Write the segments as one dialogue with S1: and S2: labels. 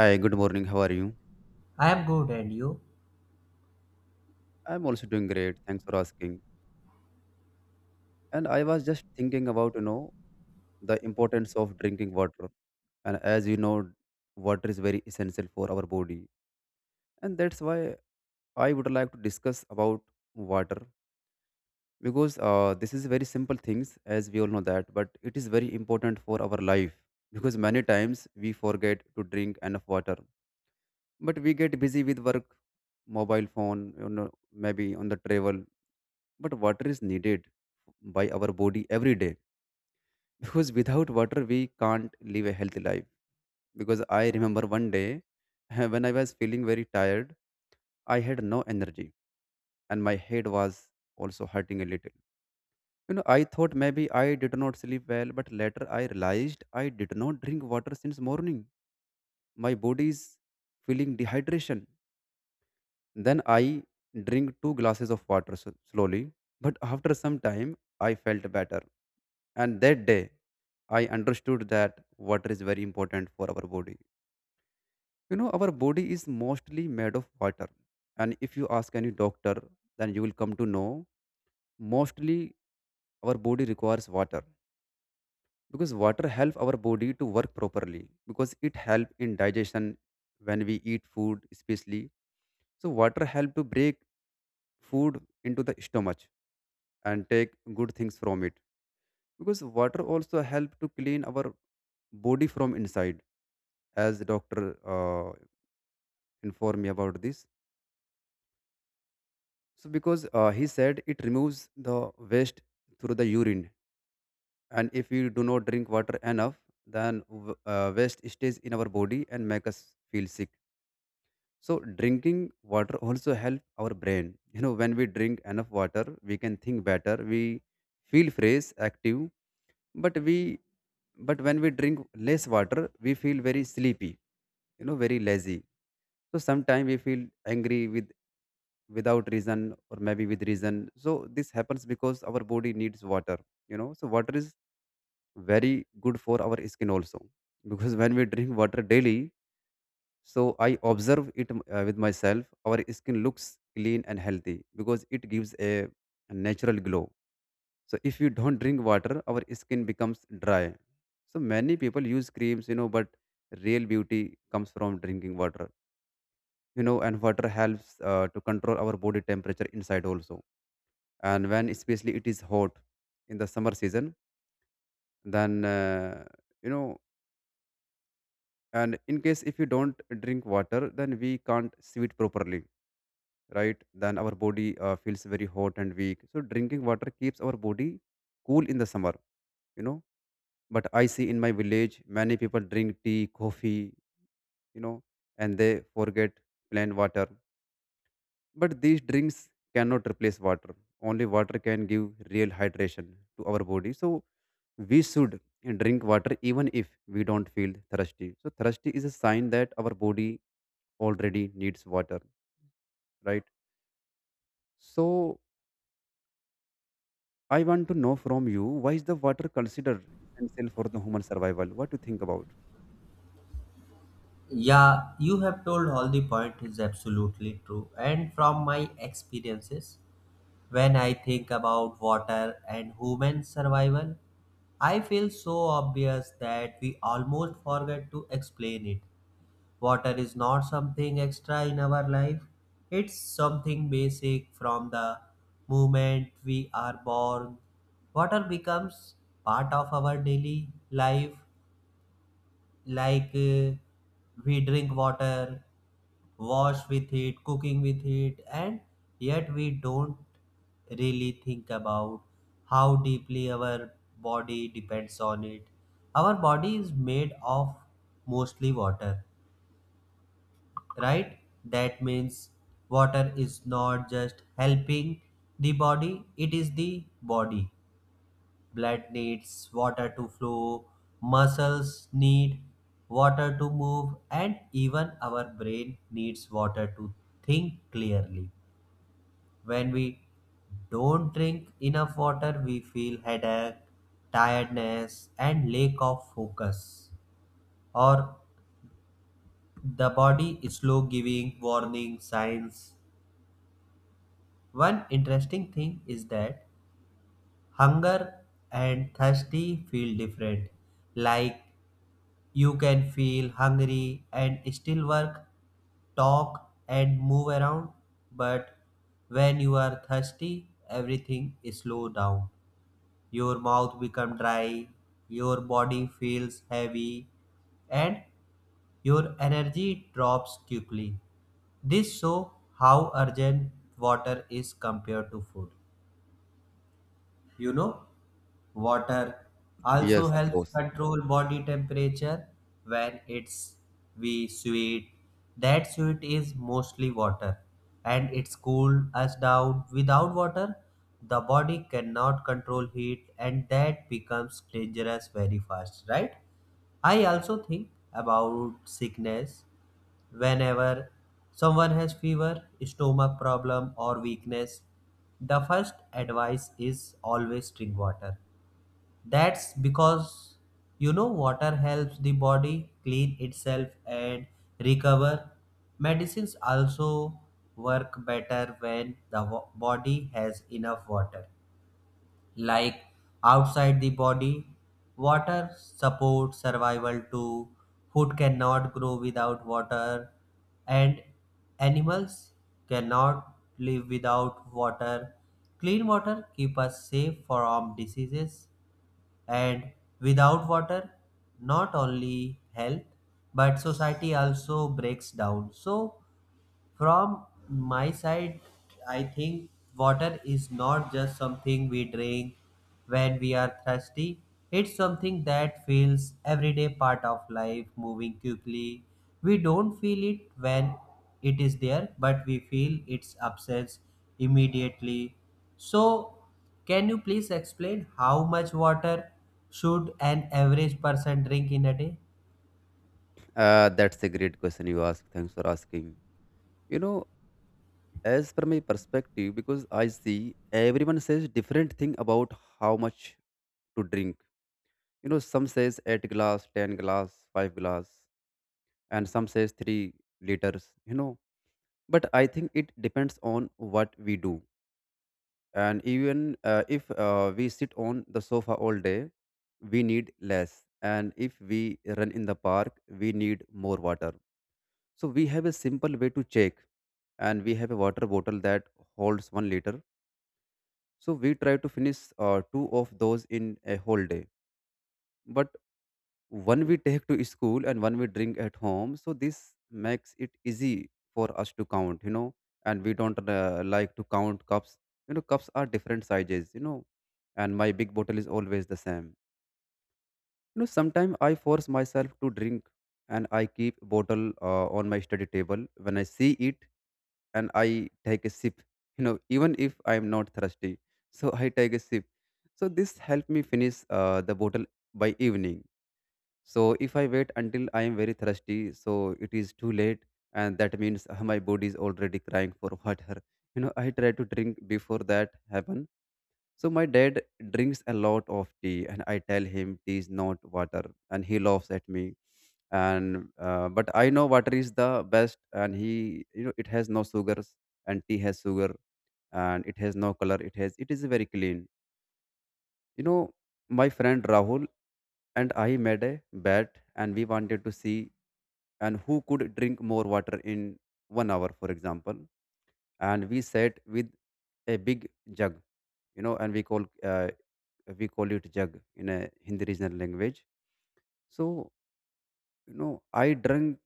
S1: Hi, good morning. How are you?
S2: I am good, and you?
S1: I'm also doing great. Thanks for asking. And I was just thinking about the importance of drinking water. And as you know, water is very essential for our body. And that's why I would like to discuss about water because this is very simple things as we all know that, but it is very important for our life because many times we forget to drink enough water, but we get busy with work, mobile phone, maybe on the travel, but water is needed by our body every day because without water we can't live a healthy life. Because I remember one day, when I was feeling very tired, I had no energy and my head was also hurting a little. I thought maybe I did not sleep well, but later I realized I did not drink water since morning. My body is feeling dehydration. Then I drink two glasses of water slowly, but after some time, I felt better. And that day, I understood that water is very important for our body. You know, our body is mostly made of water. And if you ask any doctor, then you will come to know, mostly our body requires water, because water helps our body to work properly, because it helps in digestion when we eat food especially. So water help to break food into the stomach and take good things from it, because water also help to clean our body from inside, as the doctor informed me about this. So because he said, it removes the waste through the urine. And if we do not drink water enough, then waste stays in our body and make us feel sick. So drinking water also help our brain. When we drink enough water, we can think better. We feel fresh, active. But we but when we drink less water, we feel very sleepy, very lazy. So sometimes we feel angry without reason, or maybe with reason. So this happens because our body needs water. So water is very good for our skin also, because when we drink water daily, so I observe it with myself, our skin looks clean and healthy because it gives a natural glow. So if you don't drink water, our skin becomes dry. So many people use creams, but real beauty comes from drinking water. And water helps to control our body temperature inside also. And when, especially, it is hot in the summer season, then you know and in case if you don't drink water, then we can't sweat properly, right? Then our body feels very hot and weak. So drinking water keeps our body cool in the summer you know but I see in my village many people drink tea, coffee know and they forget plain water. But these drinks cannot replace water. Only water can give real hydration to our body. So we should drink water even if we don't feel thirsty. So thirsty is a sign that our body already needs water, right? So I want to know from you, why is the water considered essential for the human survival? What do you think about?
S2: Yeah, you have told all the point is absolutely true. And from my experiences, when I think about water and human survival, I feel so obvious that we almost forget to explain it. Water is not something extra in our life, it's something basic from the moment we are born. Water becomes part of our daily life like we drink water, wash with it, cooking with it, and yet we don't really think about how deeply our body depends on it. Our body is made of mostly water, right? That means water is not just helping the body, it is the body. Blood needs water to flow, muscles need water to move, and even our brain needs water to think clearly. When we don't drink enough water, we feel headache, tiredness, and lack of focus, or the body is slow giving warning signs. One interesting thing is that hunger and thirsty feel different. Like, you can feel hungry and still work, talk, and move around. But when you are thirsty, everything is slow down. Your mouth becomes dry, your body feels heavy, and your energy drops quickly. This show how urgent water is compared to food. You know, water also
S1: Yes, of
S2: helps
S1: course.
S2: control body temperature when it's we sweat. That sweat is mostly water and it's cool us down. Without water, the body cannot control heat and that becomes dangerous very fast, right? I also think about sickness whenever someone has fever, stomach problem or weakness. The first advice is always drink water. That's because, you know, water helps the body clean itself and recover. Medicines also work better when the body has enough water. Like outside the body, water supports survival too. Food cannot grow without water, and animals cannot live without water. Clean water keep us safe from diseases, and without water not only health but society also breaks down. So from my side, I think water is not just something we drink when we are thirsty. It's something that feels everyday part of life moving quickly. We don't feel it when it is there, but we feel its absence immediately. So, can you please explain how much water should an average person drink in a day?
S1: That's a great question you ask. Thanks for asking. You know, as per my perspective, because I see everyone says different thing about how much to drink. You know, some says eight glass, 10 glass, five glass, and some says 3 liters. You know, but I think it depends on what we do. And even if we sit on the sofa all day, we need less. And if we run in the park, we need more water. So we have a simple way to check, and we have a water bottle that holds 1 liter. So we try to finish two of those in a whole day. But one we take to school and one we drink at home, so this makes it easy for us to count. And we don't like to count cups. You know, cups are different sizes. And my big bottle is always the same. Sometimes I force myself to drink, and I keep bottle on my study table. When I see it, and I take a sip, even if I'm not thirsty. So I take a sip. So this helped me finish the bottle by evening. So if I wait until I am very thirsty, so it is too late, and that means my body is already crying for water. You know, I try to drink before that happen. So my dad drinks a lot of tea, and I tell him tea is not water, and he laughs at me. And but I know water is the best, and it has no sugars, and tea has sugar, and it has no color. It is very clean. you know, my friend Rahul and I made a bet, and we wanted to see and who could drink more water in one hour, for example. And we sat with a big jug, and we call we call it jug in a Hindi regional language. So, I drank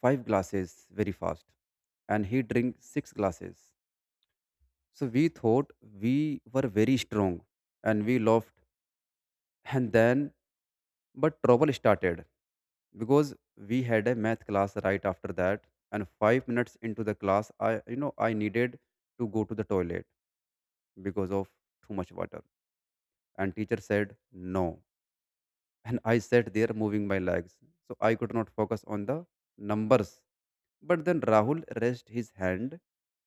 S1: five glasses very fast, and he drank six glasses. So we thought we were very strong, and we laughed. And then, but trouble started because we had a math class right after that, and 5 minutes into the class, I you know I needed to go to the toilet because of too much water, and teacher said no. And I sat there moving my legs, so I could not focus on the numbers. But then Rahul raised his hand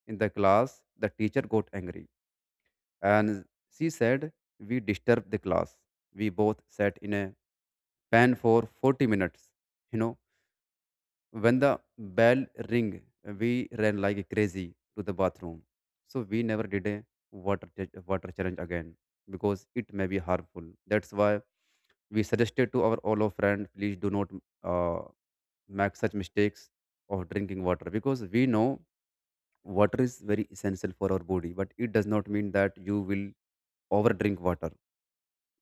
S1: in the class, the teacher got angry, and she said we disturbed the class. We both sat in a pan for 40 minutes. You know When the bell ring, we ran like crazy to the bathroom. So we never did a water challenge again because it may be harmful. That's why we suggested to our all our friends, please do not uh, make such mistakes of drinking water, because we know water is very essential for our body, but it does not mean that you will over drink water.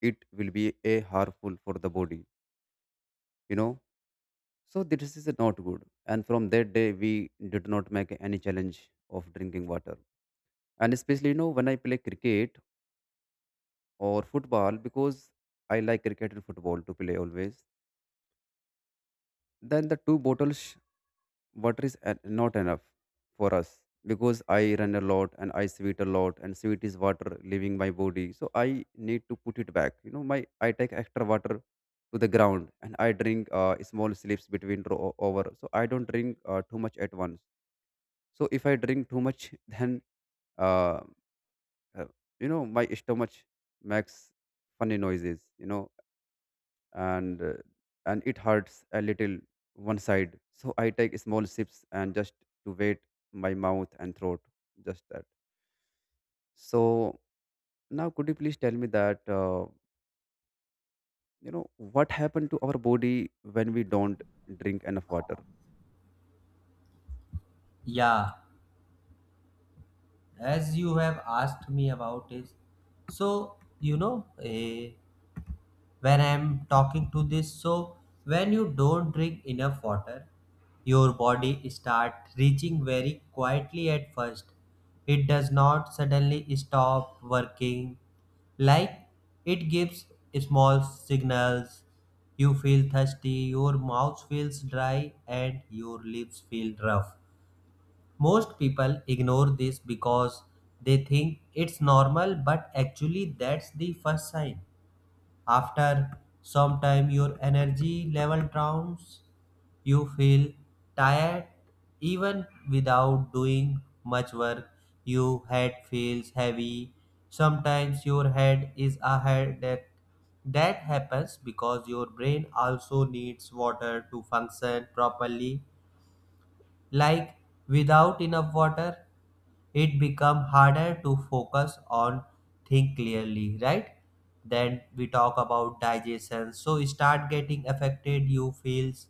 S1: It will be a harmful for the body. You know. So this is not good. And from that day, we did not make any challenge of drinking water. And especially, when I play cricket or football, because I like cricket and football to play always, then the two bottles water is not enough for us, because I run a lot and I sweat a lot, and sweat is water leaving my body. So I need to put it back. You know, my I take extra water to the ground, and I drink small sips between over. So I don't drink too much at once. So if I drink too much, then uh, uh, my stomach makes funny noises. and uh, and it hurts a little one side. So I take small sips and just to wait my mouth and throat, just that. So now, could you please tell me that you know what happened to our body when we don't drink enough water?
S2: Yeah, as you have asked me about is, so when I'm talking to this, so when you don't drink enough water, your body start reaching very quietly at first. It does not suddenly stop working. Like, it gives small signals. You feel thirsty, your mouth feels dry, and your lips feel rough. Most people ignore this because they think it's normal, but actually, that's the first sign. After some time, your energy level downs, you feel tired even without doing much work. Your head feels heavy. Sometimes your head is a headache. That happens because your brain also needs water to function properly. Like, without enough water, it become harder to focus on think clearly, right? Then we talk about digestion. So start getting affected. You feels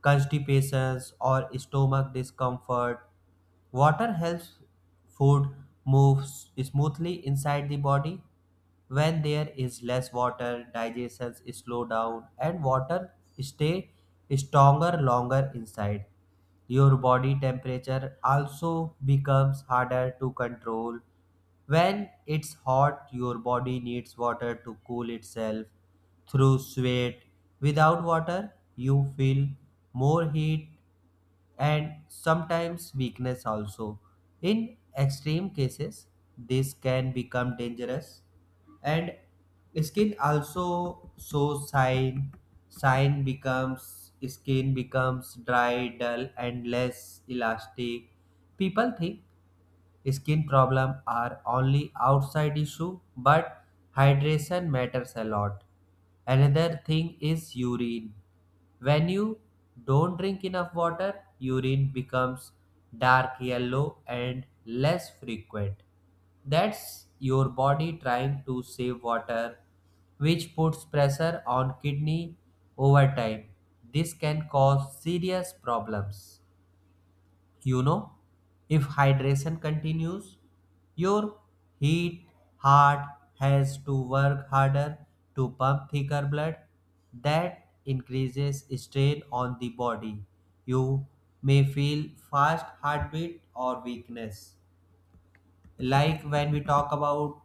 S2: constipations or stomach discomfort. Water helps food move smoothly inside the body. When there is less water, digestion is slow down and water stay stronger longer inside. Your body temperature also becomes harder to control. When it's hot, your body needs water to cool itself through sweat. Without water, you feel more heat and sometimes weakness also. In extreme cases, this can become dangerous. And skin also shows sign, sign becomes skin becomes dry, dull and less elastic. People think skin problem are only outside issue, but hydration matters a lot. Another thing is urine. When you don't drink enough water, urine becomes dark yellow and less frequent. That's your body trying to save water, which puts pressure on kidney. Over time, this can cause serious problems. You know, if hydration continues, your heat heart has to work harder to pump thicker blood. That increases strain on the body. You may feel fast heartbeat or weakness. Like, when we talk about,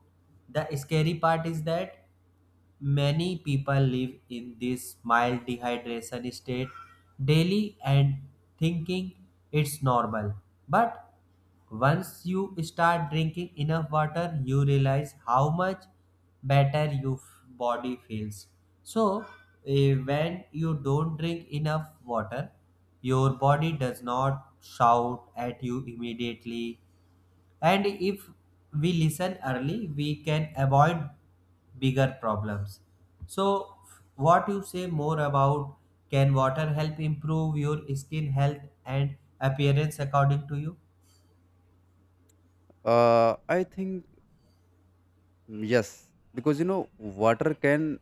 S2: the scary part is that many people live in this mild dehydration state daily and thinking it's normal. But once you start drinking enough water, you realize how much better your body feels. So, when you don't drink enough water, your body does not shout at you immediately, and if we listen early, we can avoid bigger problems. So, what you say more about, can water help improve your skin health and appearance according to you?
S1: I think yes, because water can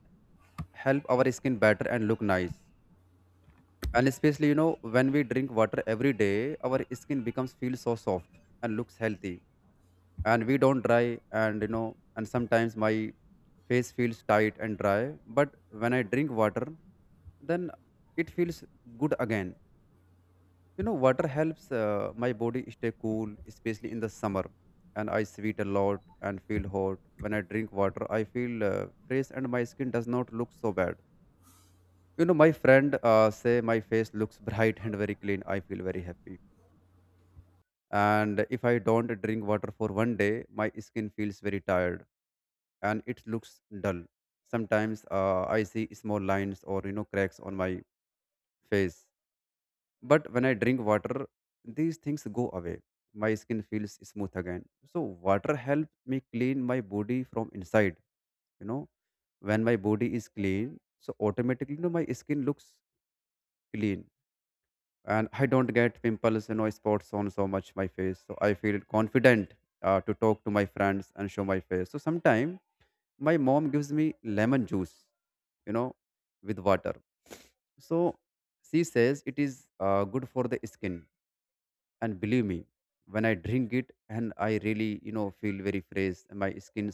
S1: help our skin better and look nice. And especially, when we drink water every day, our skin becomes feel so soft and looks healthy. And we don't dry, and sometimes my face feels tight and dry. But when I drink water, then it feels good again. You know, water helps my body stay cool, especially in the summer. And I sweat a lot and feel hot. When I drink water, I feel fresh and my skin does not look so bad. You know, my friend say my face looks bright and very clean. I feel very happy. And if I don't drink water for one day, my skin feels very tired and it looks dull. Sometimes I see small lines or cracks on my face. But when I drink water, these things go away. My skin feels smooth again. So water helps me clean my body from inside. You know, when my body is clean, so automatically, my skin looks clean, and I don't get pimples, spots on so much my face. So I feel confident to talk to my friends and show my face. So sometimes my mom gives me lemon juice, you know, with water. So she says it is good for the skin, and believe me, when I drink it, and I really, feel very fresh. And My skin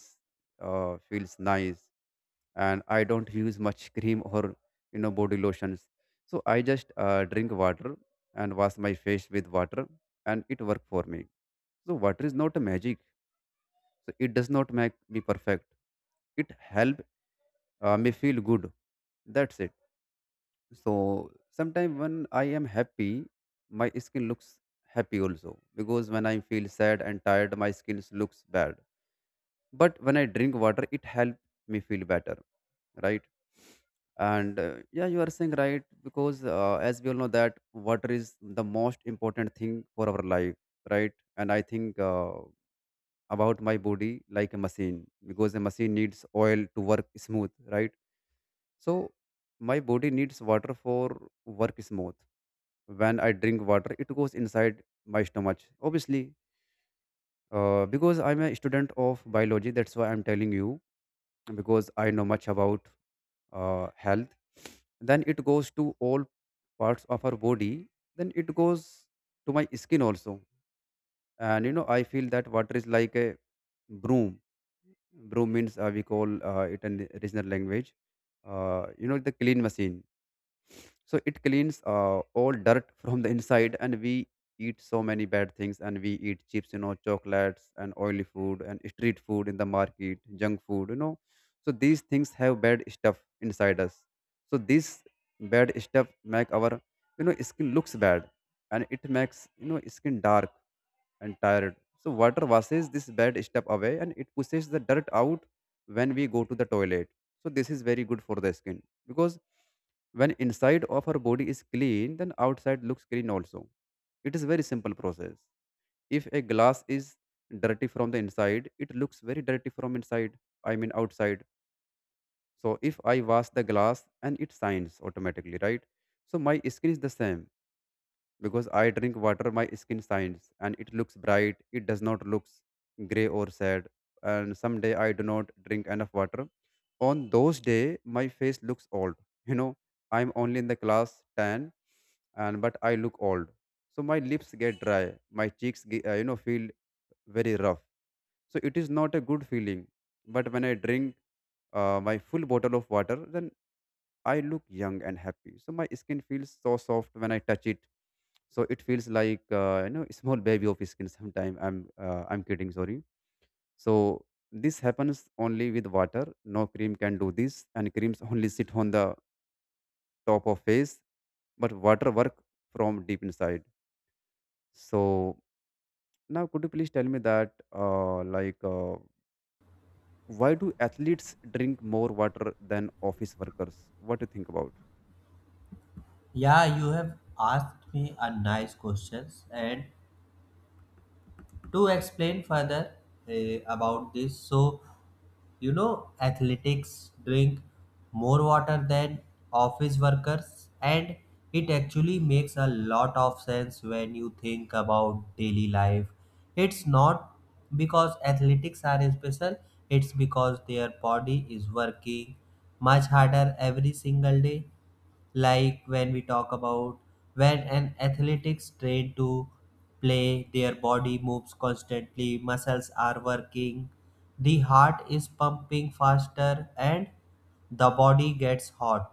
S1: feels nice, and I don't use much cream or, you know, body lotions. So I just drink water and wash my face with water, and it worked for me. So water is not a magic. So it does not make me perfect. It help me feel good. That's it. So sometimes when I am happy, my skin looks happy also, because when I feel sad and tired, my skin looks bad, but when I drink water, it helps me feel better, right? And yeah, you are saying right, because as we all know that water is the most important thing for our life, right? And I think about my body like a machine, because a machine needs oil to work smooth, right? So my body needs water for work smooth. When I drink water, it goes inside my stomach, obviously, because I'm a student of biology, that's why I'm telling you, because I know much about health. Then it goes to all parts of our body. Then it goes to my skin also. And, you know, I feel that water is like a broom. Broom means we call it in regional language. The clean machine, so it cleans all dirt from the inside. And we eat so many bad things, and we eat chips, you know, chocolates and oily food and street food in the market, junk food, you know. So these things have bad stuff inside us. So this bad stuff make our, you know, skin looks bad, and it makes, you know, skin dark and tired. So water washes this bad stuff away, and it pushes the dirt out when we go to the toilet. So this is very good for the skin, because when inside of our body is clean, then outside looks clean also. It is very simple process. If a glass is dirty from the inside, it looks very dirty from inside. I mean outside. So if I wash the glass, and it shines automatically, right? So my skin is the same, because I drink water, my skin shines, and it looks bright. It does not looks gray or sad. And someday I do not drink enough water. On those day, my face looks old. You know, I'm only in the class ten, and but I look old. So my lips get dry. My cheeks, you know, feel very rough. So it is not a good feeling. But when I drink my full bottle of water, then I look young and happy. So my skin feels so soft when I touch it. So it feels like, you know, a small baby of skin. Sometime I'm kidding. Sorry. So this happens only with water. No cream can do this, and creams only sit on the top of face, but water work from deep inside. So now could you please tell me that why do athletes drink more water than office workers? What do you think about?
S2: Yeah, you have asked me a nice questions, and to explain further about this, so you know athletics drink more water than office workers, and it actually makes a lot of sense when you think about daily life. It's not because athletics are special, it's because their body is working much harder every single day. Like, when we talk about, when an athletics trained to play, their body moves constantly, muscles are working, the heart is pumping faster, and the body gets hot.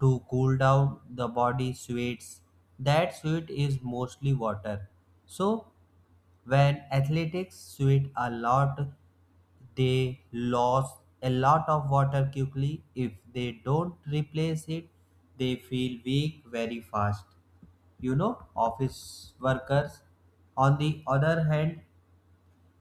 S2: To cool down, the body sweats. That sweat is mostly water. So when athletics sweat a lot, they lose a lot of water quickly. If they don't replace it, they feel weak very fast. You know, office workers, on the other hand,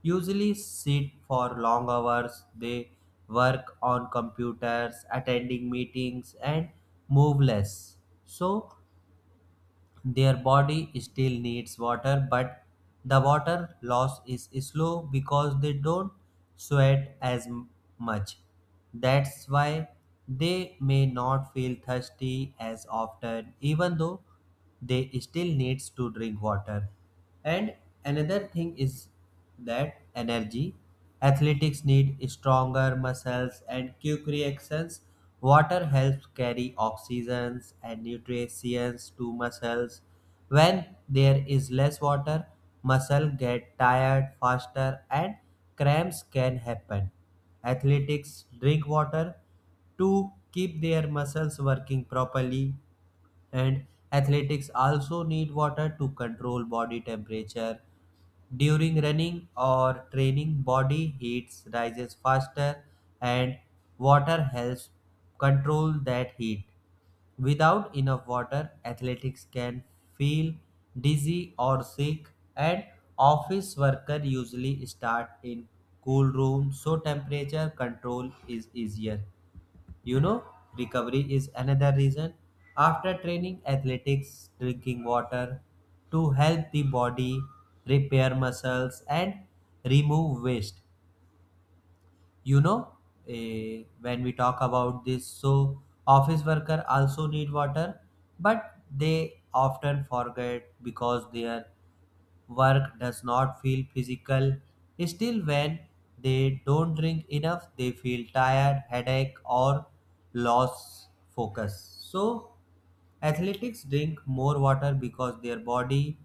S2: usually sit for long hours. They work on computers, attending meetings, and move less. So, their body still needs water, but the water loss is slow because they don't sweat as much. That's why they may not feel thirsty as often, even though they still needs to drink water. And another thing is that energy. Athletics need stronger muscles and quick reactions. Water helps carry oxygens and nutrients to muscles. When there is less water, muscles get tired faster and cramps can happen. Athletics drink water to keep their muscles working properly, and athletics also need water to control body temperature. During running or training, body heat rises faster, and water helps control that heat. Without enough water, athletics can feel dizzy or sick, and office worker usually start in cool room, so temperature control is easier. You know, recovery is another reason. After training, athletics, drinking water to help the body repair muscles and remove waste. You know, when we talk about this, so office worker also need water, but they often forget because their work does not feel physical. Still, when they don't drink enough, they feel tired, headache, or lost focus. So, athletes drink more water because their body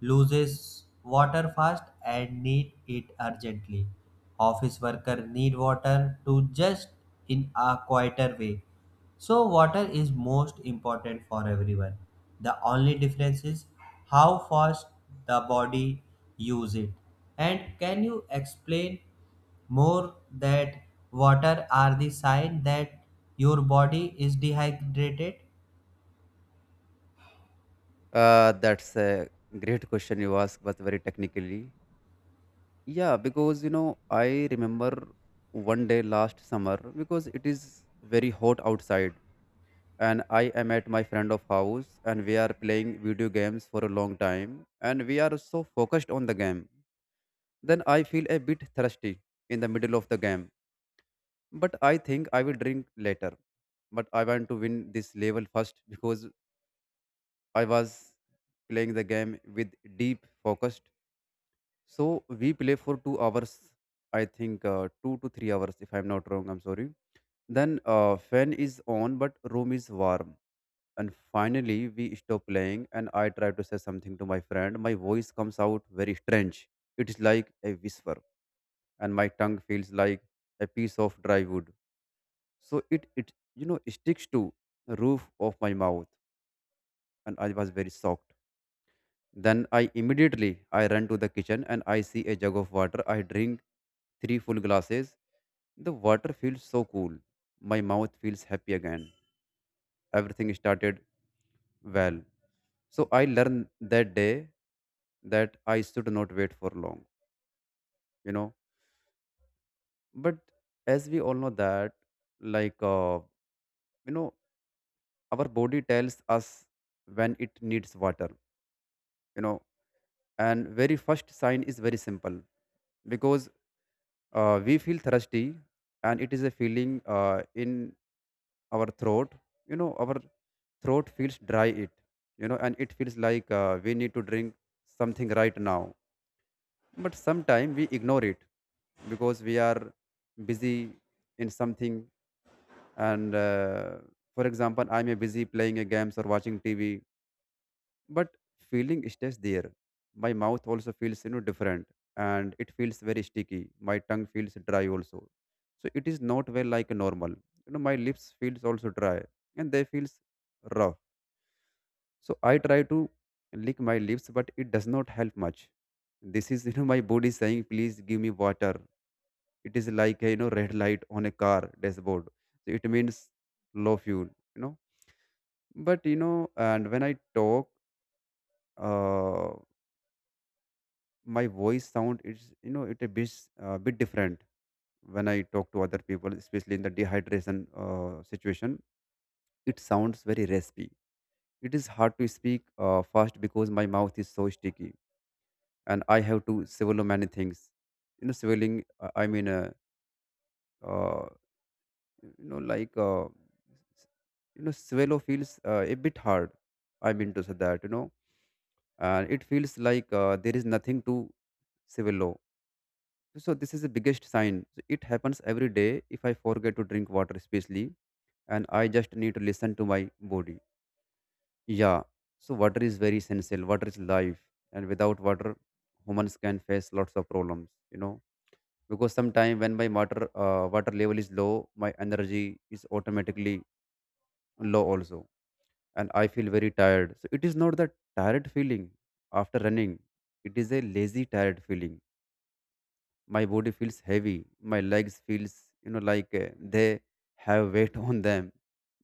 S2: loses water fast and need it urgently. Office workers need water to just in a quieter way. So water is most important for everyone. The only difference is how fast the body use it. And can you explain more that water are the sign that your body is dehydrated?
S1: That's a great question you ask, but very technically. Yeah, because, you know, I remember one day last summer, because it is very hot outside, and I am at my friend of house, and we are playing video games for a long time, and we are so focused on the game. Then I feel a bit thirsty in the middle of the game, but I think I will drink later. But I want to win this level first, because I was playing the game with deep focus. So we play for 2 hours, I think 2 to 3 hours, if I'm not wrong. I'm sorry. Then fan is on, but room is warm. And finally, we stop playing, and I try to say something to my friend. My voice comes out very strange. It is like a whisper, and my tongue feels like a piece of dry wood. So it, you know, sticks to the roof of my mouth, and I was very shocked. Then I immediately I run to the kitchen, and I see a jug of water. I drink three full glasses. The water feels so cool. My mouth feels happy again. Everything started well. So I learned that day that I should not wait for long, you know. But as we all know that, like uh, you know, our body tells us when it needs water, you know. And very first sign is very simple, because we feel thirsty, and it is a feeling in our throat. You know, our throat feels dry. It, you know, and it feels like, we need to drink something right now. But sometimes we ignore it because we are busy in something. And for example, I may a busy playing a games or watching TV. But feeling stays there. My mouth also feels, you know, different, and it feels very sticky. My tongue feels dry also. So it is not well like normal, you know. My lips feels also dry, and they feels rough. So I try to lick my lips, but it does not help much. This is you know, my body saying please give me water. It is like a, you know, red light on a car dashboard. So it means low fuel, you know. But, you know, and when I talk, uh, my voice sound it's, you know, it a bit bit different, when I talk to other people, especially in the dehydration situation. It sounds very raspy. It is hard to speak fast, because my mouth is so sticky, and I have to swallow many things. You know, swallowing, uh, you know, s- you know, swallow feels a bit hard. I mean to say that, you know, and it feels like, there is nothing to swallow. So this is the biggest sign. So it happens every day if I forget to drink water, especially, and I just need to listen to my body. Yeah. So water is very essential. Water is life, and without water, humans can face lots of problems. You know, because sometimes when my water level is low, my energy is automatically low also, and I feel very tired. So it is not that tired feeling after running. It is a lazy tired feeling. My body feels heavy. My legs feels, you know, like, they have weight on them,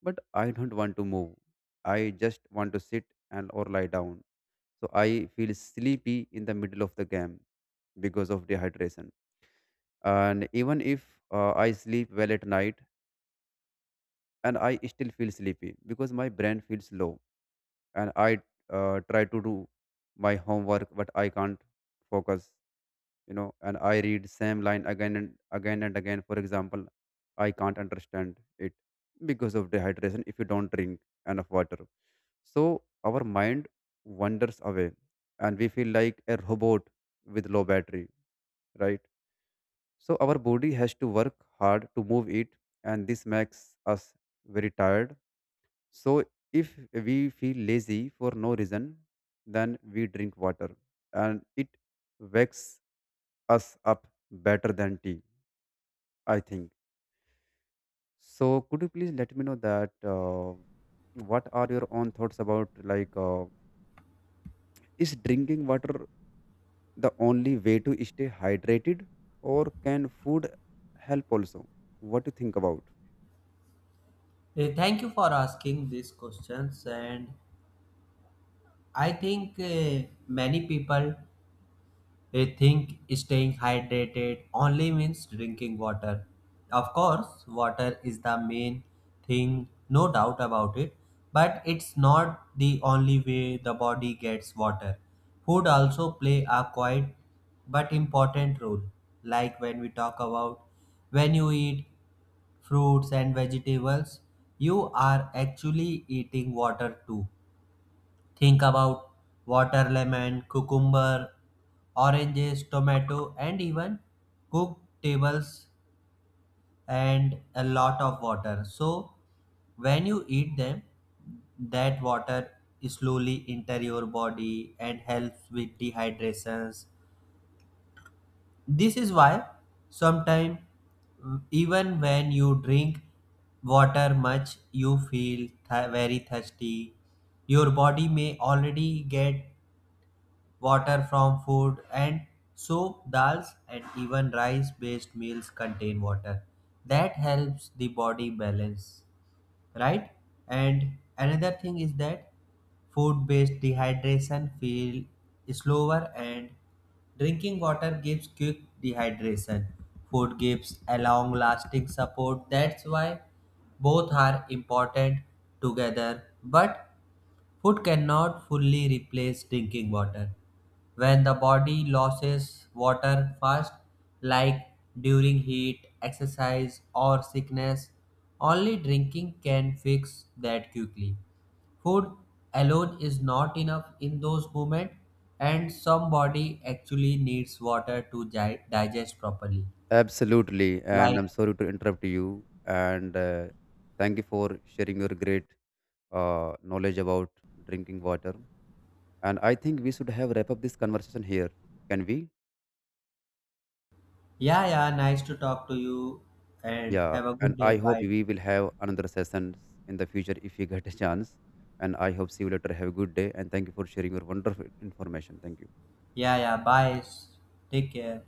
S1: but I don't want to move. I just want to sit and or lie down. So I feel sleepy in the middle of the game because of dehydration. And even if I sleep well at night, and I still feel sleepy because my brain feels low. And I try to do my homework, but I can't focus, you know. And I read same line again and again and again, for example. I can't understand it because of dehydration. If you don't drink enough water, so our mind wanders away, and we feel like a robot with low battery, right? So our body has to work hard to move it, and this makes us very tired. So, if we feel lazy for no reason, then we drink water, and it wakes us up better than tea, I think. So, could you please let me know that what are your own thoughts about, is drinking water the only way to stay hydrated, or can food help also? What do you think about?
S2: Thank you for asking these questions, and I think many people, they think staying hydrated only means drinking water. Of course, water is the main thing, no doubt about it, but it's not the only way the body gets water. Food also play a quiet but important role. Like, when we talk about, when you eat fruits and vegetables, you are actually eating water too. Think about water lemon, cucumber, oranges, tomato, and even cooked tables and a lot of water. So when you eat them, that water slowly enter your body and helps with dehydrations. This is why, sometimes, even when you drink water much, you feel very thirsty, your body may already get water from food, and soup, dals, and even rice based meals contain water that helps the body balance, right? And another thing is that food based dehydration feel slower, and drinking water gives quick dehydration. Food gives a long lasting support. That's why both are important together, but food cannot fully replace drinking water. When the body loses water fast, like during heat, exercise, or sickness, only drinking can fix that quickly. Food alone is not enough in those moments, and some body actually needs water to digest properly.
S1: Absolutely, and
S2: Like,
S1: I'm sorry to interrupt you. And thank you for sharing your great knowledge about drinking water. And I think we should have wrap up this conversation here. Can we?
S2: yeah, yeah, nice to talk to you, and
S1: Yeah.
S2: have a
S1: And
S2: good day.
S1: I hope
S2: Bye.
S1: we will have another session in the future if you get a chance. And I hope see you later. Have a good day. And thank you for sharing your wonderful information. Thank you.
S2: Yeah, yeah, bye. Take care.